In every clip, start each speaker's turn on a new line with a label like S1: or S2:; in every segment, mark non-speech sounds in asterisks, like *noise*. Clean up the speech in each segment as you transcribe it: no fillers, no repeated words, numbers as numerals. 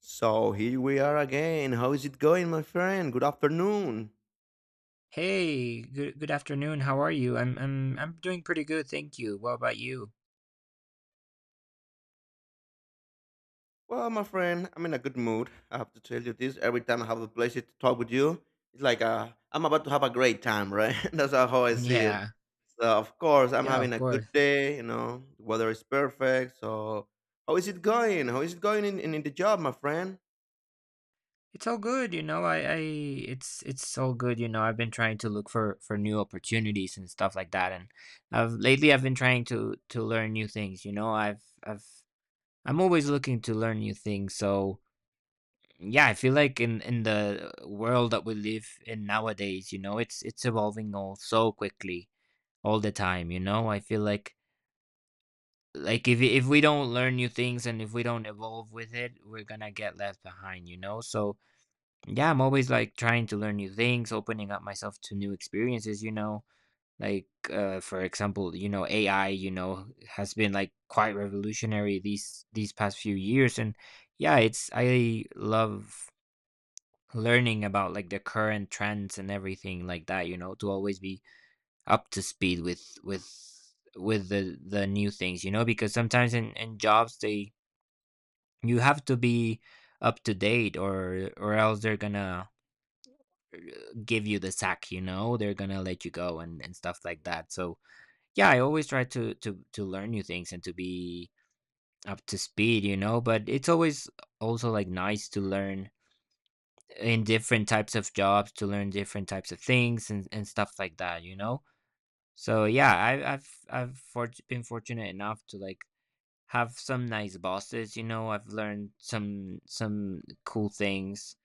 S1: So here we are again. How is it going, my friend? Good afternoon.
S2: Hey, good afternoon. How are you? I'm doing pretty good, thank you. What about you?
S1: Well, my friend, I'm in a good mood. I have to tell you this. Every time I have a pleasure to talk with you, it's like I'm about to have a great time, right? *laughs* That's how I see it.
S2: Yeah.
S1: So, of course, I'm
S2: Yeah,
S1: having
S2: of
S1: a good
S2: course.
S1: day. You know, the weather is perfect. So, how is it going? How is it going in, in the job, my friend?
S2: It's all good, you know. I It's all good, you know. I've been trying to look for new opportunities and stuff like that and I've lately I've been trying to learn new things, you know. I'm always looking to learn new things. So, yeah, I feel like in the world that we live in nowadays, you know, it's evolving all so quickly all the time, you know. I feel like if we don't learn new things, and if we don't evolve with it, we're gonna get left behind, you know. So yeah, I'm always like trying to learn new things, opening up myself to new experiences, you know, like for example, you know, AI, you know, has been like quite revolutionary these past few years. And yeah, it's, I love learning about like the current trends and everything like that, you know, to always be up to speed with the new things, you know, because sometimes in jobs they, you have to be up to date, or else they're gonna uh, give you the sack, you know. They're gonna let you go and stuff like that. So yeah, I always try to learn new things and to be up to speed, you know, but it's always also like nice to learn in different types of jobs, to learn different types of things and stuff like that, you know. So yeah, I've been fortunate enough to like have some nice bosses. You know, I've learned some cool things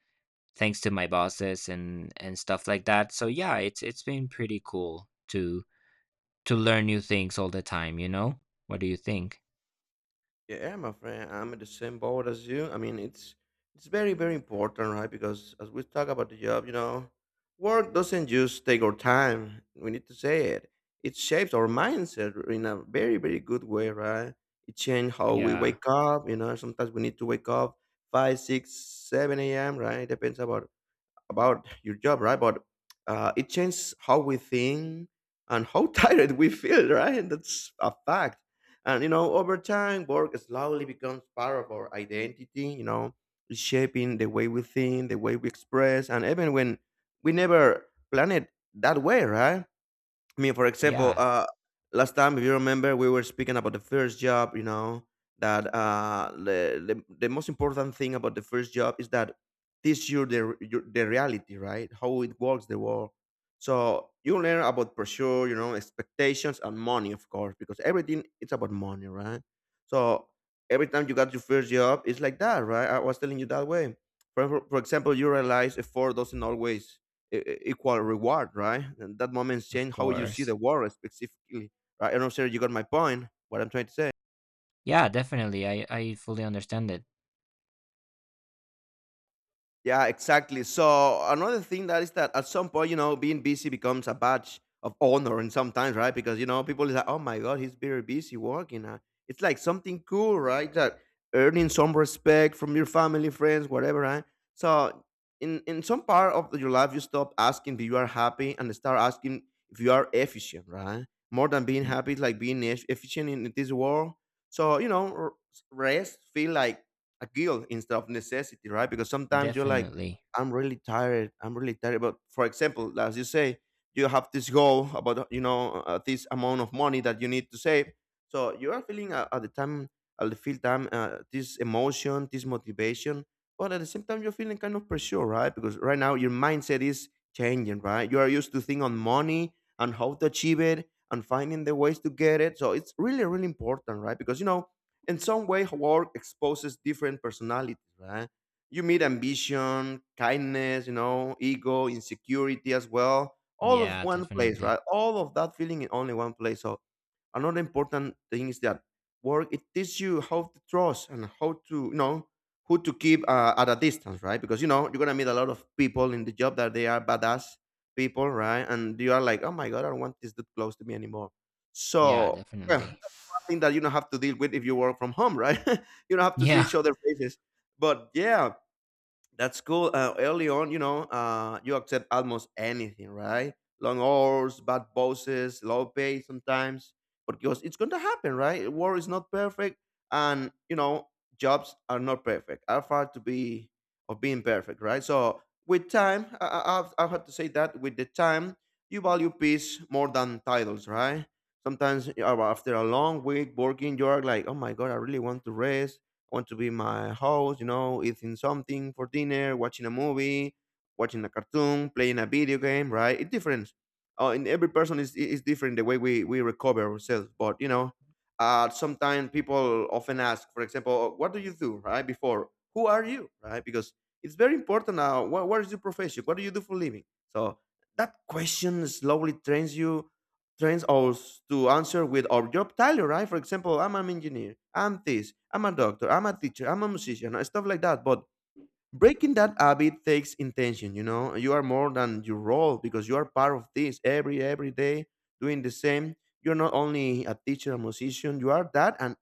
S2: thanks to my bosses and stuff like that. So yeah, it's been pretty cool to learn new things all the time. You know, what do you think?
S1: Yeah, my friend, I'm in the same boat as you. I mean, it's very very important, right? Because as we talk about the job, you know, work doesn't just take our time. We need to say it. It shapes our mindset in a very very good way, right? It changes how we
S2: Yeah,
S1: wake up. You know, sometimes we need to wake up five, six, seven a.m. Right? Depends about your job, right? But it changes how we think and how *laughs* tired we feel, right? That's a fact. And you know, over time, work slowly becomes part of our identity. You know, it's shaping the way we think, the way we express, and even when we never planned it that way, right? I mean, for example,
S2: yeah,
S1: last time, if you remember, we were speaking about the first job. You know that the most important thing about the first job is that teach you the the reality, right? How it works, the world. So you learn about pressure, you know, expectations and money, of course, because everything it's about money, right? So every time you got your first job, it's like that, right? I was telling you that way. For example, you realize effort doesn't always equal reward, right? And that moment
S2: of
S1: change how you see
S2: course.
S1: the world specifically, right? I don't know, sir, you got my point. What I'm trying to say.
S2: Yeah, definitely. I fully understand it.
S1: Yeah, exactly. So another thing that is that at some point, you know, being busy becomes a badge of honor, and sometimes, right? Because you know, people is like, "Oh my God, he's very busy working." It's like something cool, right? That earning some respect from your family, friends, whatever, right? So in some part of your life, you stop asking if you are happy and start asking if you are efficient, right? More than being
S2: Mm.
S1: happy, it's like being efficient in this world. So you know, rest feel like a guilt instead of necessity, right? Because sometimes you're like,
S2: Definitely.
S1: I'm really tired. I'm really tired. But for example, as you say, you have this goal about you know this amount of money that you need to save. So you are feeling at the time, at the feel time, this emotion, this motivation. But at the same time, you're feeling kind of pressure, right? Because right now your mindset is changing, right? You are used to think on money and how to achieve it and finding the ways to get it. So it's really, really important, right? Because you know, in some way work exposes different personalities, right? You meet ambition, kindness, you know, ego, insecurity as well, all of
S2: Yeah,
S1: one place,
S2: definitely.
S1: right? All of that feeling in only one place. So another important thing is that work it teaches you how to trust and how to, you know, who to keep at a distance, right? Because you know you're gonna meet a lot of people in the job that they are badass people, right? And you are like, oh my god, I don't want this dude close to me anymore.
S2: Yeah,
S1: So well,
S2: definitely.
S1: thing that you don't have to deal with if you work from home, right? *laughs* You don't have to see
S2: Yeah,
S1: each
S2: *laughs*
S1: other faces. But yeah, that's cool. Early on, you know, you accept almost anything, right? Long hours, bad bosses, low pay sometimes, because it's going to happen, right? War is not perfect, and you know, jobs are not perfect. Are far to be of being perfect, right? So with time, I have to say that with the time, you value peace more than titles, right? Sometimes after a long week working, you are like, oh my god, I really want to rest. I want to be my house, you know, eating something for dinner, watching a movie, watching a cartoon, playing a video game, right? It's different. And every person is different the way we recover ourselves. But you know, sometimes people often ask, for example, "Oh, what do you do, right? Before, who are you, right? Because it's very important now. What is your profession? What do you do for living? So that question slowly trains us to answer with our job title, right? For example, I'm an engineer, I'm this, I'm a doctor, I'm a teacher, I'm a musician, and stuff like that. But breaking that habit takes intention, you know. You are more than your role because you are part of this every day doing the same. You're not only a teacher, a musician, you are that and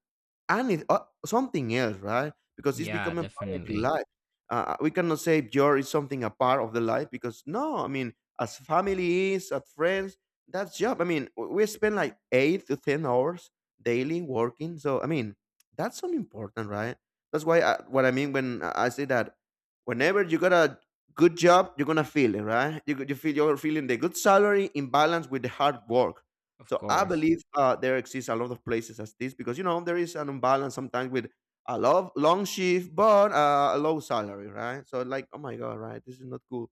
S1: something else, right? Because it's
S2: yeah,
S1: becoming part of your
S2: definitely.
S1: life. We cannot say your is something a part of the life because no, I mean, as family is, as friends, that's job. I mean, we spend like 8 to 10 hours daily working. So I mean, that's so important, right? That's why I, what I mean when I say that whenever you got a good job, you're gonna feel it, right? You feel you're feeling the good salary in balance with the hard work.
S2: Of
S1: So I
S2: course.
S1: believe there exists a lot of places as this because you know there is an imbalance sometimes with a lot long shift but a low salary, right? So like, oh my god, right? This is not cool.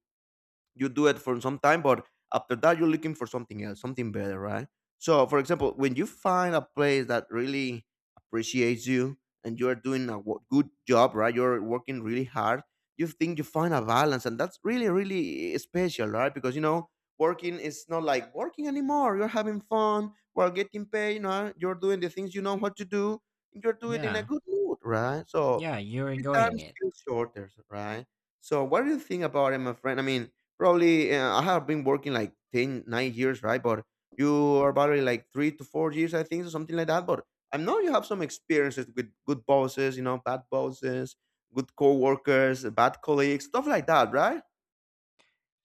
S1: You do it for some time, but after that, you're looking for something else, something better, right? So, for example, when you find a place that really appreciates you and you're doing a good job, right? You're working really hard. You think you find a balance, and that's really, really special, right? Because you know, working is not like working anymore. You're having fun. We're getting paid. You know, you're doing the things you know what to do. And you're doing it in a
S2: Yeah,
S1: good mood, right? So,
S2: yeah, you're
S1: three
S2: enjoying
S1: times
S2: it.
S1: feels shorter, right? So, what do you think about it, my friend? I mean, probably I have been working like 10, 9 years, right? But you are probably like 3 to 4 years, I think, or something like that. But I know you have some experiences with good bosses, you know, bad bosses, good coworkers, bad colleagues, stuff like that, right?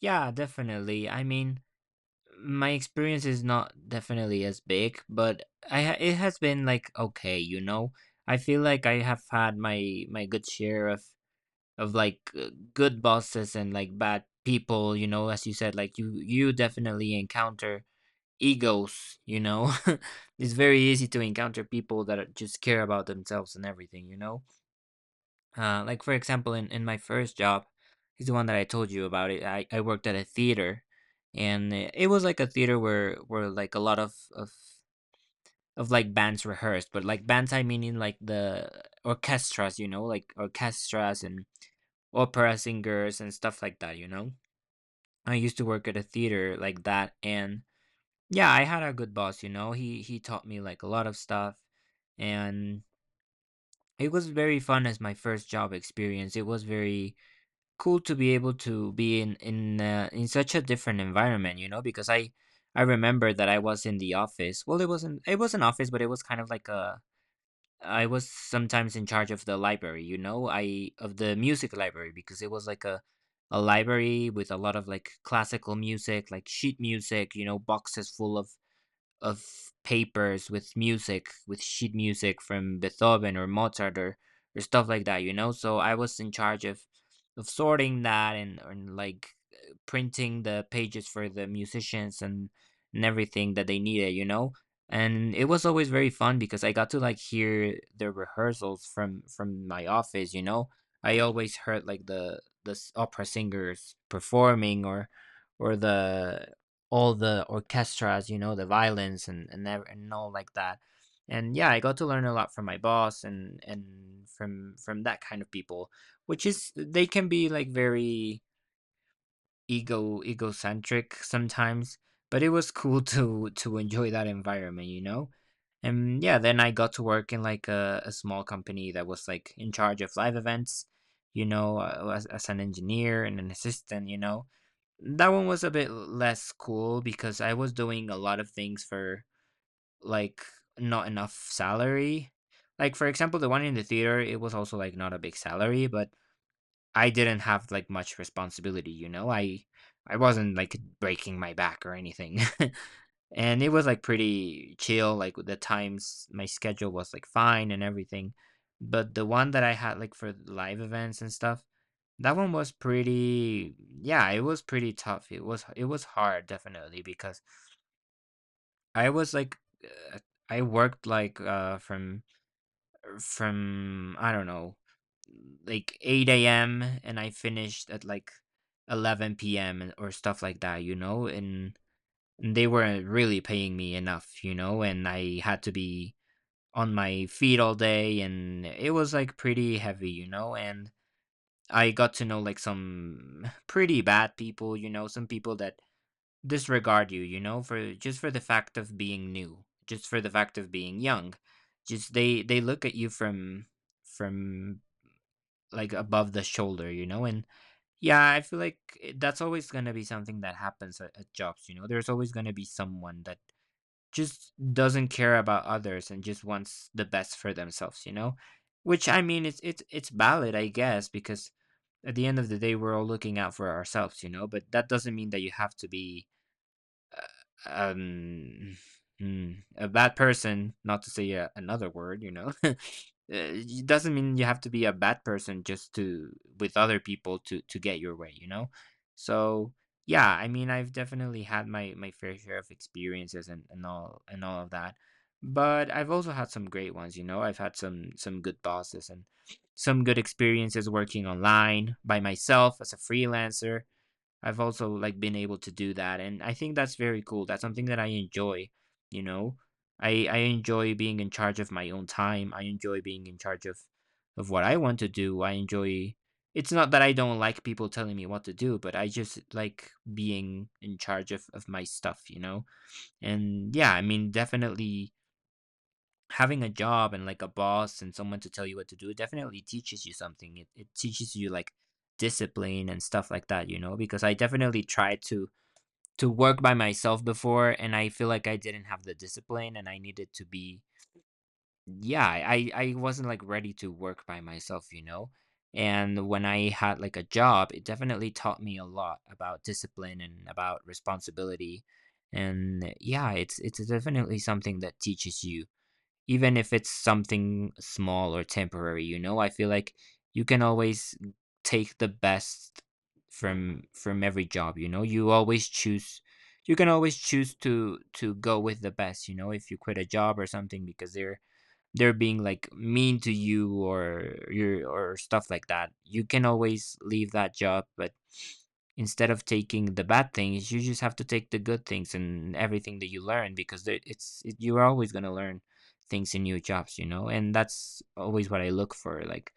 S2: Yeah, definitely. I mean, my experience is not definitely as big, but it has been like okay, you know. I feel like I have had my good share of like good bosses and like bad people, you know, as you said. Like you definitely encounter egos, you know. *laughs* It's very easy to encounter people that are- just care about themselves and everything, you know. Like for example, in my first job, is the one that I told you about. It I worked at a theater, and it was like a theater where like a lot of like bands rehearsed, but like bands, I mean, in like the orchestras, you know, like orchestras and opera singers and stuff like that. You know, I used to work at a theater like that. And yeah, I had a good boss. You know, he taught me like a lot of stuff. And it was very fun as my first job experience. It was very cool to be able to be in in such a different environment, you know, because I remember that I was in the office. Well, it wasn't, it was an office, but it was kind of like a, I was sometimes in charge of the library, you know, I of the music library, because it was like a library with a lot of like classical music, like sheet music, you know. Boxes full of papers with music, with sheet music from Beethoven or Mozart or stuff like that, you know? So I was in charge of sorting that, and like printing the pages for the musicians and everything that they needed, you know? And it was always very fun because I got to like hear the rehearsals from my office, you know? I always heard like the opera singers performing, or the all the orchestras, you know, the violins and ev and all like that. And yeah, I got to learn a lot from my boss, and from that kind of people, which is they can be like very egocentric sometimes, but it was cool *laughs* to enjoy that environment, you know? And yeah, then I got to work in like a small company that was like in charge of live events, you know, as an engineer and an assistant, you know. That one was a bit less cool because I was doing a lot of things for like not enough salary. Like for example, the one in the theater, it was also like not a big salary, but I didn't have like much responsibility, you know? I wasn't like breaking my back or anything. *laughs* And it was like pretty chill. Like the times, my schedule was like fine and everything. But the one that I had like for live events and stuff, that one was pretty, yeah, it was pretty tough. It was hard definitely, because I was like uh, I worked like from I don't know, like 8 a.m., and I finished at like 11 p.m. and- or stuff like that, you know. And they weren't really paying me enough, you know, and I had to be on my feet all day, and it was like pretty heavy, you know. And I got to know like some pretty bad people, you know. Some people that disregard you, you know, for just for the fact of being new, just for the fact of being young. Just they look at you from from like above the shoulder, you know. And yeah, I feel like that's always going to be something that happens at jobs, you know. There's always going to be someone that just doesn't care about others and just wants the best for themselves, you know. Which I mean, it's valid, I guess, because at the end of the day, we're all looking out for ourselves, you know. But that doesn't mean that you have to be um, a bad person, not to say another word, you know. *laughs* It doesn't mean you have to be a bad person just to with other people to get your way, you know. So yeah, I mean, I've definitely had my fair share of experiences and all of that, but I've also had some great ones, you know. I've had some good bosses and some good experiences working online by myself as a freelancer. I've also like been able to do that, and I think that's very cool. That's something that I enjoy, you know. I enjoy being in charge of my own time. I enjoy being in charge of what I want to do. I enjoy, it's not that I don't like people telling me what to do, but I just like being in charge of my stuff, you know. And yeah, I mean, definitely having a job and like a boss and someone to tell you what to do definitely teaches you something. It teaches you like discipline and stuff like that, you know, because I definitely try to work by myself before, and I feel like I didn't have the discipline, and I needed to be, yeah, I wasn't like ready to work by myself, you know? And when I had like a job, it definitely taught me a lot about discipline and about responsibility. And yeah, it's definitely something that teaches you, even if it's something small or temporary, you know. I feel like you can always take the best from every job, you know. You can always choose to go with the best, you know. If you quit a job or something because they're being like mean to you or stuff like that, you can always leave that job, but instead of taking the bad things, you just have to take the good things and everything that you learn, because it's you're always going to learn things in new jobs, you know. And that's always what I look for, like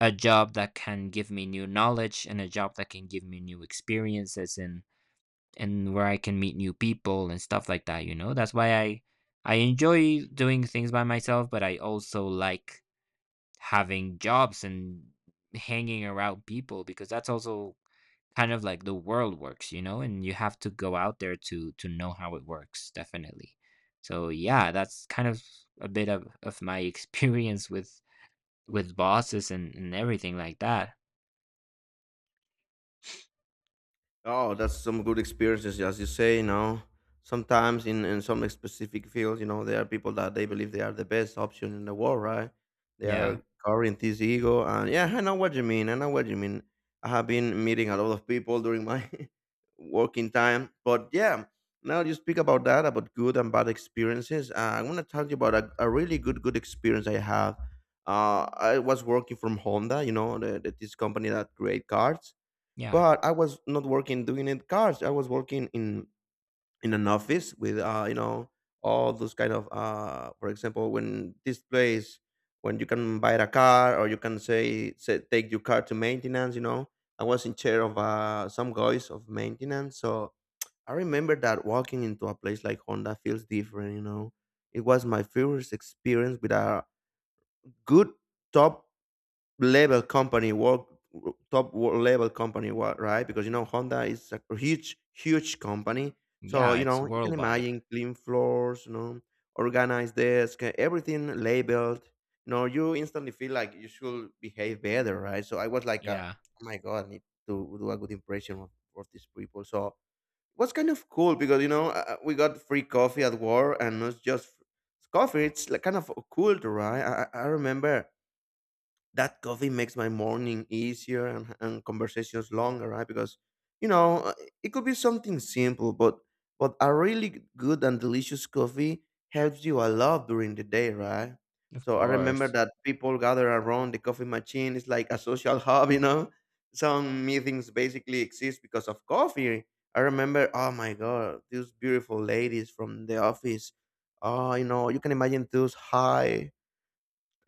S2: a job that can give me new knowledge, and a job that can give me new experiences and where I can meet new people and stuff like that, you know? That's why I enjoy doing things by myself, but I also like having jobs and hanging around people, because that's also kind of like the world works, you know, and you have to go out there to know how it works, definitely. So yeah, that's kind of a bit of my *laughs* experience with bosses and everything like that.
S1: Oh, that's some good experiences, as you say. You know, sometimes in some specific fields, you know, there are people that they believe they are the best option in the world, right? They
S2: Yeah.
S1: are carrying this ego, and yeah, I know what you mean. I know what you mean. I have been meeting a lot of people during my *laughs* working time, but yeah, now you speak about that, about good and bad experiences. I want to talk to you about a really good good experience I have. I was working from Honda, you know, this company that create cars,
S2: Yeah.
S1: but I was not working doing it cars. I was working in an office with you know, all those kind of for example, when this place when you can buy a car or you can say, say take your car to maintenance. You know, I was in chair of some guys of maintenance, so I remember that walking into a place like Honda feels different. You know, it was my first experience with a good top level company work top wo- level company wo- right. Because you know, Honda is a huge company. So
S2: Yeah,
S1: you
S2: it's
S1: know, you can
S2: worldwide.
S1: imagine clean floors, you know, organized desk, everything labeled. You know, you instantly feel like you should behave better, right? So I was like,
S2: Yeah,
S1: oh my god, I need to do a good impression of these people. So it was kind of cool because you know, we got free coffee at work. And not just it's coffee, it's like kind of a culture, right? I remember that coffee makes my morning easier, and conversations longer, right? Because you know, it could be something simple, but a really good and delicious coffee helps you a lot during the day, right?
S2: of
S1: So I remember
S2: course.
S1: that people gather around the coffee machine. It's like a social *laughs* hub, you know. Some meetings basically exist because of coffee. I remember, oh my god, these beautiful ladies from the office. Oh, you know, you can imagine those high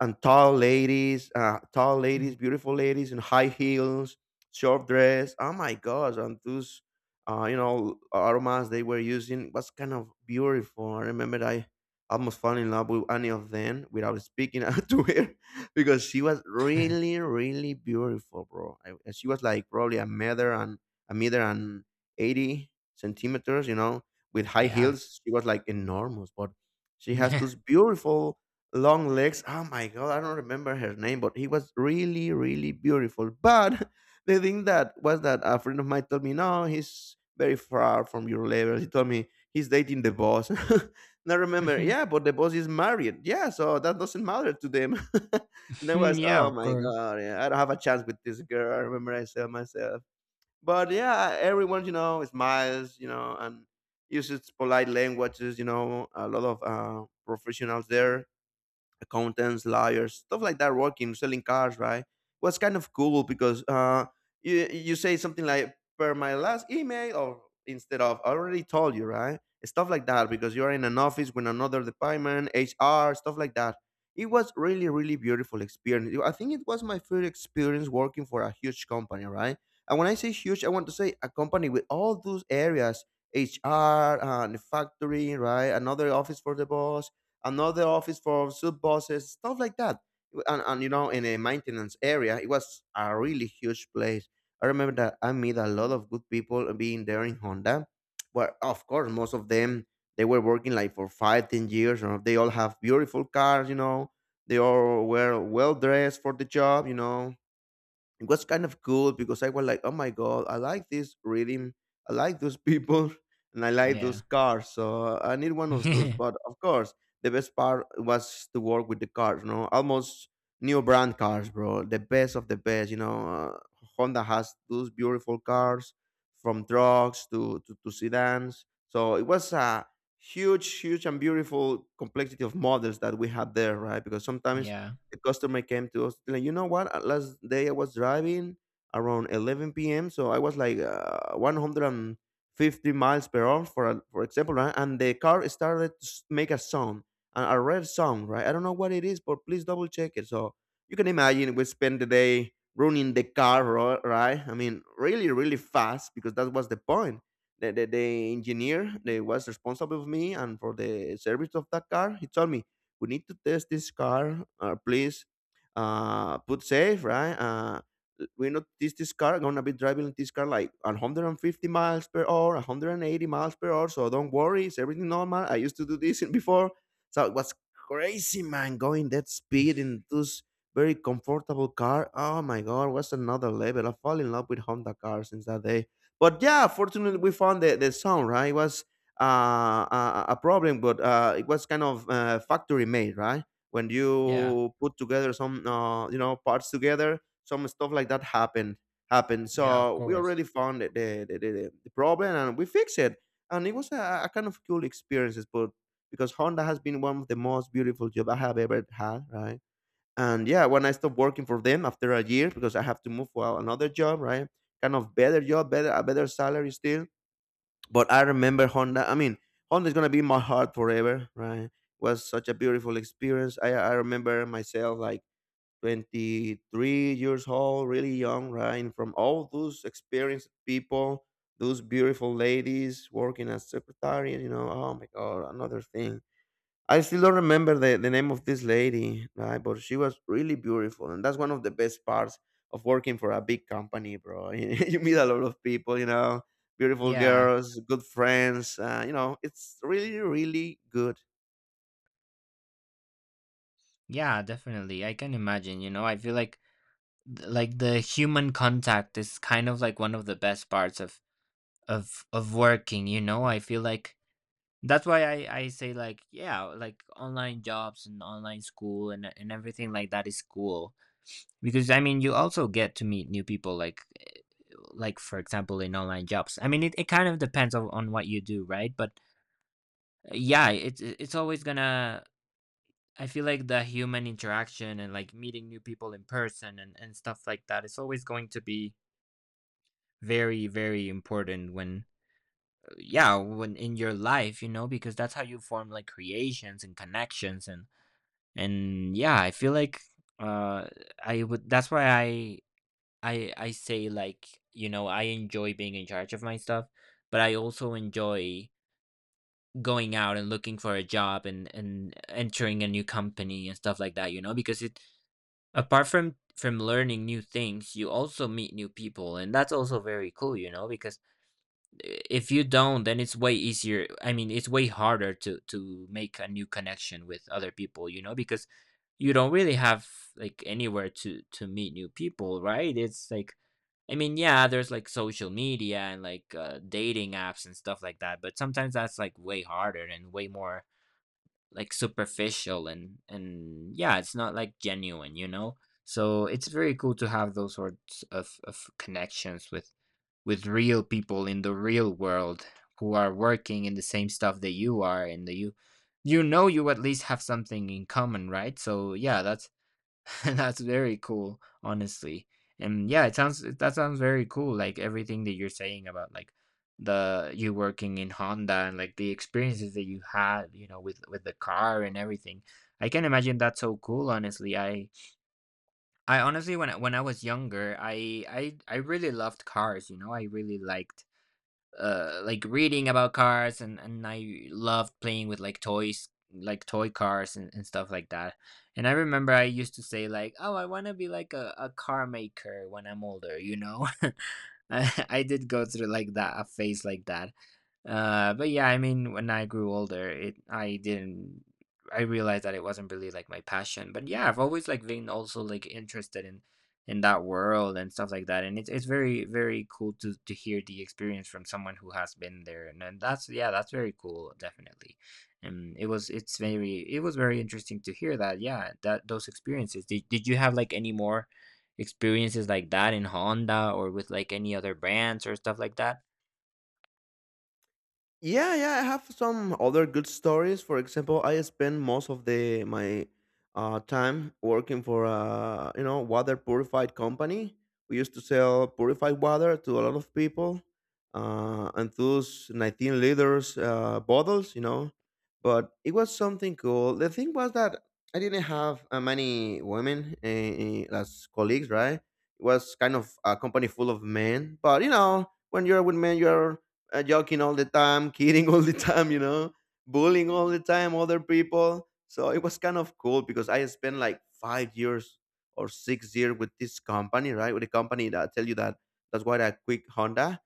S1: and tall ladies,
S2: Mm.
S1: beautiful ladies in high heels, short dress. Oh my gosh! And those, you know, aromas they were using was kind of beautiful. I remember I almost fell in love with any of them without speaking *laughs* to her because she was
S2: *laughs*
S1: really, really beautiful, bro. I, and she was like probably a meter and a meter and 80 centimeters, you know, with high
S2: Yeah.
S1: heels. She was like enormous, but she has
S2: Yeah.
S1: those beautiful long legs. Oh my god, I don't remember her name, but he was really, really beautiful. But *laughs* the thing that was that a friend of mine told me, no, he's very far from your level. He told me he's dating the boss. *laughs* And I remember, yeah,
S2: *laughs*
S1: but the boss is married. Yeah, so that doesn't matter to them. *laughs* And I was,
S2: Yeah,
S1: oh
S2: of
S1: my
S2: course.
S1: god, yeah, I don't have a chance with this girl. I remember I said myself. But yeah, everyone, you know, smiles, you know, and uses polite languages, you know, a lot of professionals there, accountants, lawyers, stuff like that, working, selling cars, right? Was kind of cool because you say something like per my last email or instead of I already told you, right? Stuff like that because you are in an office with another department, HR, stuff like that. It was really really beautiful experience. I think it was my first experience working for a huge company, right? And when I say huge, I want to say a company with all those areas, HR, the factory, right? Another office for the boss, another office for sub bosses, stuff like that. And you know, in a maintenance area, it was a really huge place. I remember that I met a lot of good people being there in Honda. But of course, most of them they were working like for five, 10 years, or they all have beautiful cars. You know, they all were well dressed for the job. You know, it was kind of cool because I was like, oh my god, I like this rhythm, I like those people, *laughs* and I like
S2: Yeah.
S1: those cars. So I need one of those.
S2: *laughs*
S1: But of course, the best part was to work with the cars. You know, almost new brand cars, bro. The best of the best. You know, Honda has those beautiful cars from trucks to sedans. So it was a huge and beautiful complexity of models that we had there, right? Because sometimes
S2: Yeah.
S1: the customer came to us like, you know what, last day I was driving around 11 p.m. So I was like, 150 miles per hour for for example, right? And the car started to make a sound, a red sound, right? I don't know what it is, but please double check it. So you can imagine we spent the day running the car right. I mean, really really fast because that was the point. The engineer that was responsible for me and for the service of that car, he told me, we need to test this car, please, put safe, right? We know this car gonna be driving this car like 150 miles per hour, 180 miles per hour, so don't worry, it's everything normal, I used to do this *laughs* before. So it was crazy, man, going that speed in this very comfortable car. Oh my god, was another level. I fall in love with Honda cars since that day. But yeah, fortunately we found the sound, right? It was a problem, but it was kind of factory made, right? When
S2: Yeah.
S1: you put together some, you know, parts together, some stuff like that happened. Happened.
S2: Yeah, of
S1: So we already
S2: course.
S1: found the problem and we fixed it. And it was a kind of cool experiences, but because Honda has been one of the most beautiful job I have ever had, right? And yeah, when I stopped working for them after a year because I have to move for another job, right? Kind of better job, better a better salary still, but I remember Honda. I mean, Honda is gonna be in my heart forever, right? Was such a beautiful experience. I remember myself like 23 years old, really young, right? And from all those experienced people, those beautiful ladies working as secretary, you know, oh my god, another thing. I still don't remember the name of this lady, right? But she was really beautiful. And that's one of the best parts of working for a big company, bro. *laughs* You meet a lot of people, you know, beautiful
S2: Yeah.
S1: girls, good friends. You know, it's really, really good.
S2: Yeah, definitely. I can imagine, you know. I feel like like the human contact is kind of like one of the best parts of working, you know. I feel like that's why I say like yeah, like online jobs and online school and everything like that is cool because I mean you also get to meet new people like like for example in online jobs I mean it kind of depends on what you do, right? But yeah, it's always gonna, I feel like the human interaction and like meeting new people in person and stuff like that is always going to be very very important when yeah, when in your life, you know, because that's how you form like creations and connections and yeah, I feel like uh I would that's why I I say like, you know, I enjoy being in charge of my stuff, but I also enjoy going out and looking for a job and entering a new company and stuff like that, you know, because it apart from learning new things, you also meet new people and that's also very cool, you know, because if you don't, then it's way easier I mean it's way harder to make a new connection with other people, you know, because you don't really have like anywhere to meet new people, right? It's like, I mean, yeah, there's like social media and like dating apps and stuff like that, but sometimes that's like way harder and way more like superficial and yeah, it's not like genuine, you know. So it's very cool to have those sorts of connections with real people in the real world who are working in the same stuff that you are, and that you know, you at least have something in common, right? So yeah, that's *laughs* that's very cool, honestly. And yeah, it sounds, that sounds very cool, like everything that you're saying about like the, you working in Honda and like the experiences that you had, you know, with the car and everything. I can imagine that's so cool, honestly. I honestly, when when I was younger, I really loved cars, you know. I really liked like reading about cars and I loved playing with like toys, like toy cars and stuff like that. And I remember I used to say like, oh, I want to be like a car maker when I'm older, you know. *laughs* *laughs* I did go through like that a phase like that. But yeah, I mean, when I grew older, it I didn't, I realized that it wasn't really like my passion. But yeah, I've always like been also like interested in that world and stuff like that. And it's very very cool to hear the experience from someone who has been there. And that's, yeah, that's very cool, definitely. And it's very, it was very interesting to hear that. Yeah, that, those experiences. Did you have like any more experiences like that in Honda or with like any other brands or stuff like that?
S1: Yeah, yeah, I have some other good stories. For example, I spend most of the my time working for a, you know, water purified company. We used to sell purified water to a lot of people, and those 19 liters bottles, you know. But it was something cool. The thing was that I didn't have many women as colleagues, right? It was kind of a company full of men. But you know, when you're with men, you're joking all the time, *laughs* kidding all the time, you know, bullying all the time other people. So it was kind of cool because I spent like 5 years or 6 years with this company, right? With the company that I tell you that that's why I quit Honda.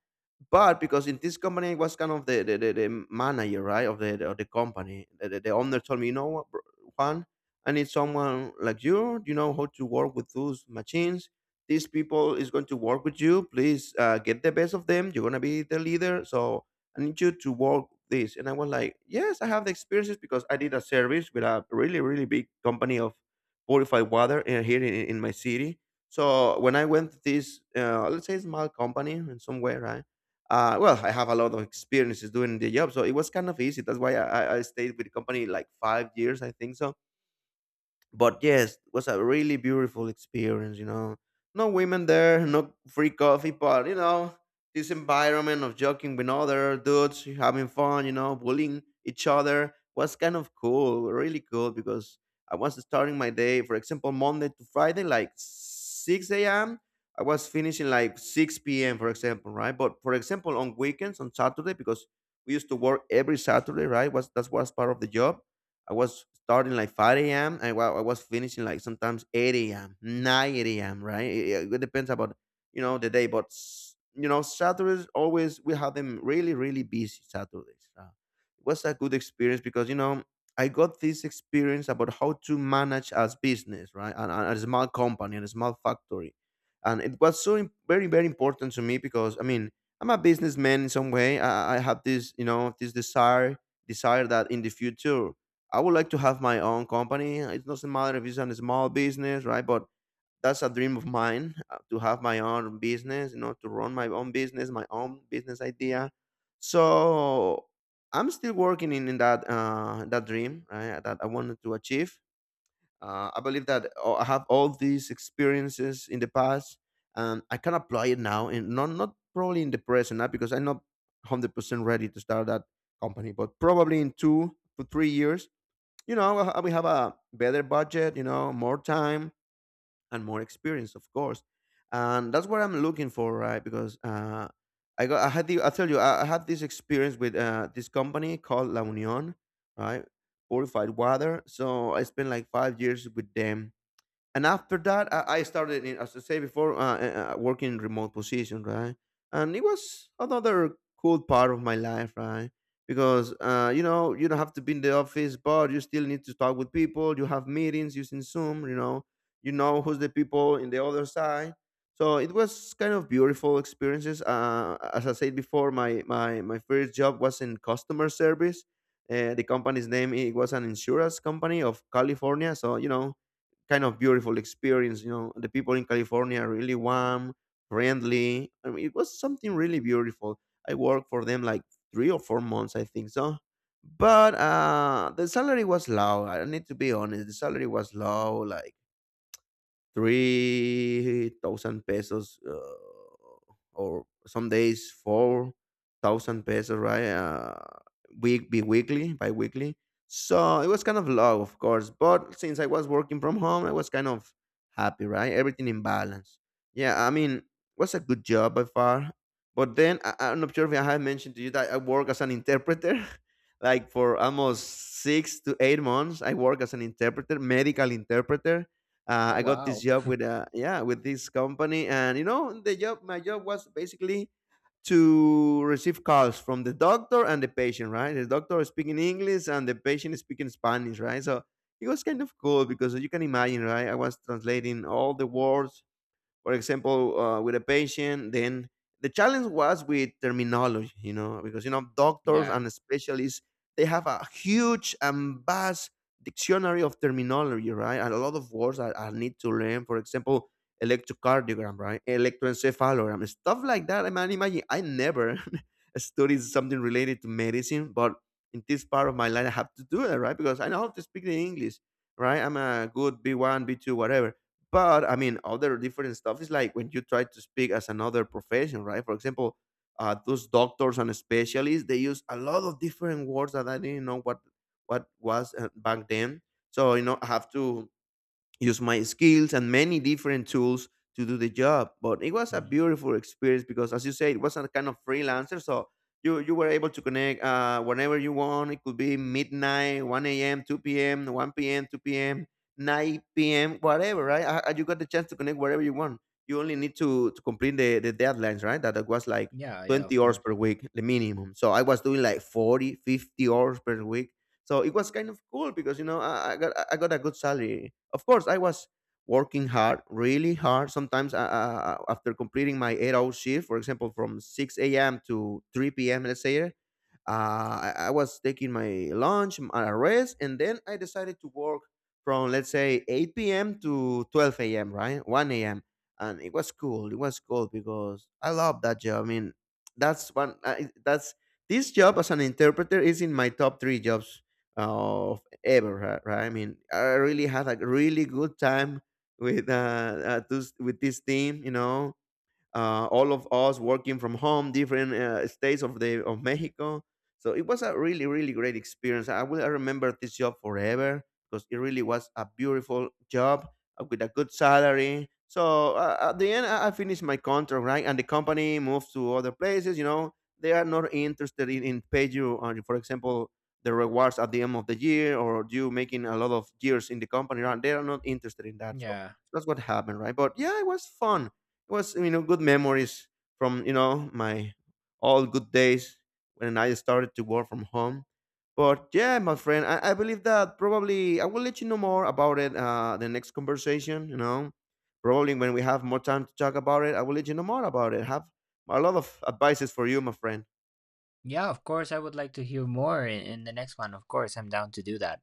S1: But because in this company I was kind of the manager, right, of the company, the owner told me, you know what, bro, Juan, I need someone like you. You know how to work with those machines, these people is going to work with you, please, get the best of them, you're going to be the leader. So I need you to work this. And I was like, yes, I have the experiences because I did a service with a really really big company of purified water, here in my city. So when I went to this, let's say, small company in some way, right? Well, I have a lot of experiences doing the job, so it was kind of easy. That's why I stayed with the company like 5 years, I think so. But yes, it was a really beautiful experience, you know. No women there, no free coffee, but you know, this environment of joking with other dudes, having fun, you know, bullying each other was kind of cool, really cool. Because I was starting my day, for example, Monday to Friday, like 6 a.m. I was finishing like 6 p.m., for example, right? But for example, on weekends, on Saturday, because we used to work every Saturday, right? Was that was part of the job. I was starting like 5 a.m. and I was finishing like sometimes 8 a.m., 9 a.m. Right? It depends about, you know, the day, but you know, Saturdays always we have them really really busy Saturdays. It was a good experience because you know, I got this experience about how to manage as business, right? And a small company and a small factory, and it was so very very important to me because I mean, I'm a businessman in some way. I have this, you know, this desire that in the future I would like to have my own company. It doesn't matter if it's a small business, right? But that's a dream of mine to have my own business, you know, to run my own business idea. So I'm still working in that that dream, right? That I wanted to achieve. I believe that I have all these experiences in the past, and I can apply it now, and not, not probably in the present, not because I'm not 100% ready to start that company, but probably in 2 to 3 years, you know, we have a better budget, you know, more time and more experience, of course. And that's what I'm looking for, right? Because I got, I had the, I tell you, I had this experience with this company called La Union, right? Purified water. So I spent like 5 years with them. And after that I started in, as I say before, working in remote position, right? And it was another cool part of my life, right? Because you know, you don't have to be in the office, but you still need to talk with people. You have meetings using Zoom, you know. You know who's the people in the other side. So it was kind of beautiful experiences. As I said before, my first job was in customer service. The company's name, it was an insurance company of California, so you know, kind of beautiful experience. You know, the people in California are really warm, friendly. I mean, it was something really beautiful. I worked for them like 3 or 4 months, I think so. But the salary was low. I need to be honest. The salary was low. Like 3,000 pesos, or some days 4,000 pesos, right? Weekly, bi-weekly. So it was kind of low, of course, but since I was working from home, I was kind of happy, right? Everything in balance. Yeah, I mean, was a good job by far. But then I'm not sure if I have mentioned to you that I work as an interpreter. *laughs* Like for almost 6 to 8 months I work as an interpreter, medical interpreter.
S2: Oh
S1: I got this
S2: wow.
S1: job with yeah, with this company, and you know the job, my job was basically to receive calls from the doctor and the patient, right? The doctor is speaking English and the patient is speaking Spanish, right? So it was kind of cool because you can imagine, right? I was translating all the words, for example, with a patient. Then the challenge was with terminology, you know, because, you know, doctors
S2: Yeah.
S1: and specialists, they have a huge and vast dictionary of terminology, right? And a lot of words I need to learn. For example, electrocardiogram, right? Electroencephalogram, stuff like that. I mean, imagine I never *laughs* studied something related to medicine, but in this part of my life, I have to do it, right? Because I know how to speak the English, right? I'm a good B1, B2, whatever. But I mean, other different stuff is like when you try to speak as another profession, right? For example, those doctors and specialists, they use a lot of different words that I didn't know what what was back then. So you know, I have to use my skills and many different tools to do the job. But it was a
S2: Mm.
S1: beautiful experience because, as you say, it was a kind of freelancer. So you were able to connect whenever you want. It could be midnight, one a.m., two p.m., one p.m., two p.m., nine p.m., whatever. Right? You got the chance to connect wherever you want. You only need to complete the deadlines. Right? That was like
S2: Yeah, yeah, of
S1: 20 hours per
S2: course.
S1: week the minimum. So I was doing like 40, 50 hours per week. So it was kind of cool because you know, I got I got a good salary. Of course, I was working hard, really hard. Sometimes after completing my 8 hour shift, for example, from 6 a.m. to 3 p.m., let's say, I was taking my lunch, my rest, and then I decided to work from, let's say, 8 p.m. to 12 a.m. Right, 1 a.m. And it was cool. It was cool because I love that job. I mean, that's one. That's, this job as an interpreter is in my top 3 jobs of ever. Right? Right? I mean, I really had a really good time with with this team. You know, all of us working from home, different states of the of Mexico. So it was a really really great experience. I will remember this job forever because it really was a beautiful job with a good salary. So at the end, I finished my contract, right? And the company moves to other places. You know, they are not interested in pay you, for example, the rewards at the end of the year or you making a lot of years in the company. Right? They are not interested in that. So
S2: Yeah.
S1: that's what happened, right? But yeah, it was fun. Was, you know, good memories from, you know, my all good days when I started to work from home. But yeah, my friend, I believe that probably I will let you know more about it the next conversation. You know, probably when we have more time to talk about it, I will let you know more about it. Have a lot of advices for you, my friend.
S2: Yeah, of course I would like to hear more in the next one. Of course, I'm down to do that.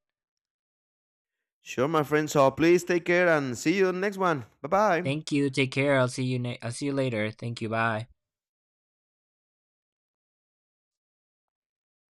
S1: Sure, my friend. So please take care and see you in the next one. Bye bye.
S2: Thank you. Take care. I'll see you I'll see you later. Thank you. Bye.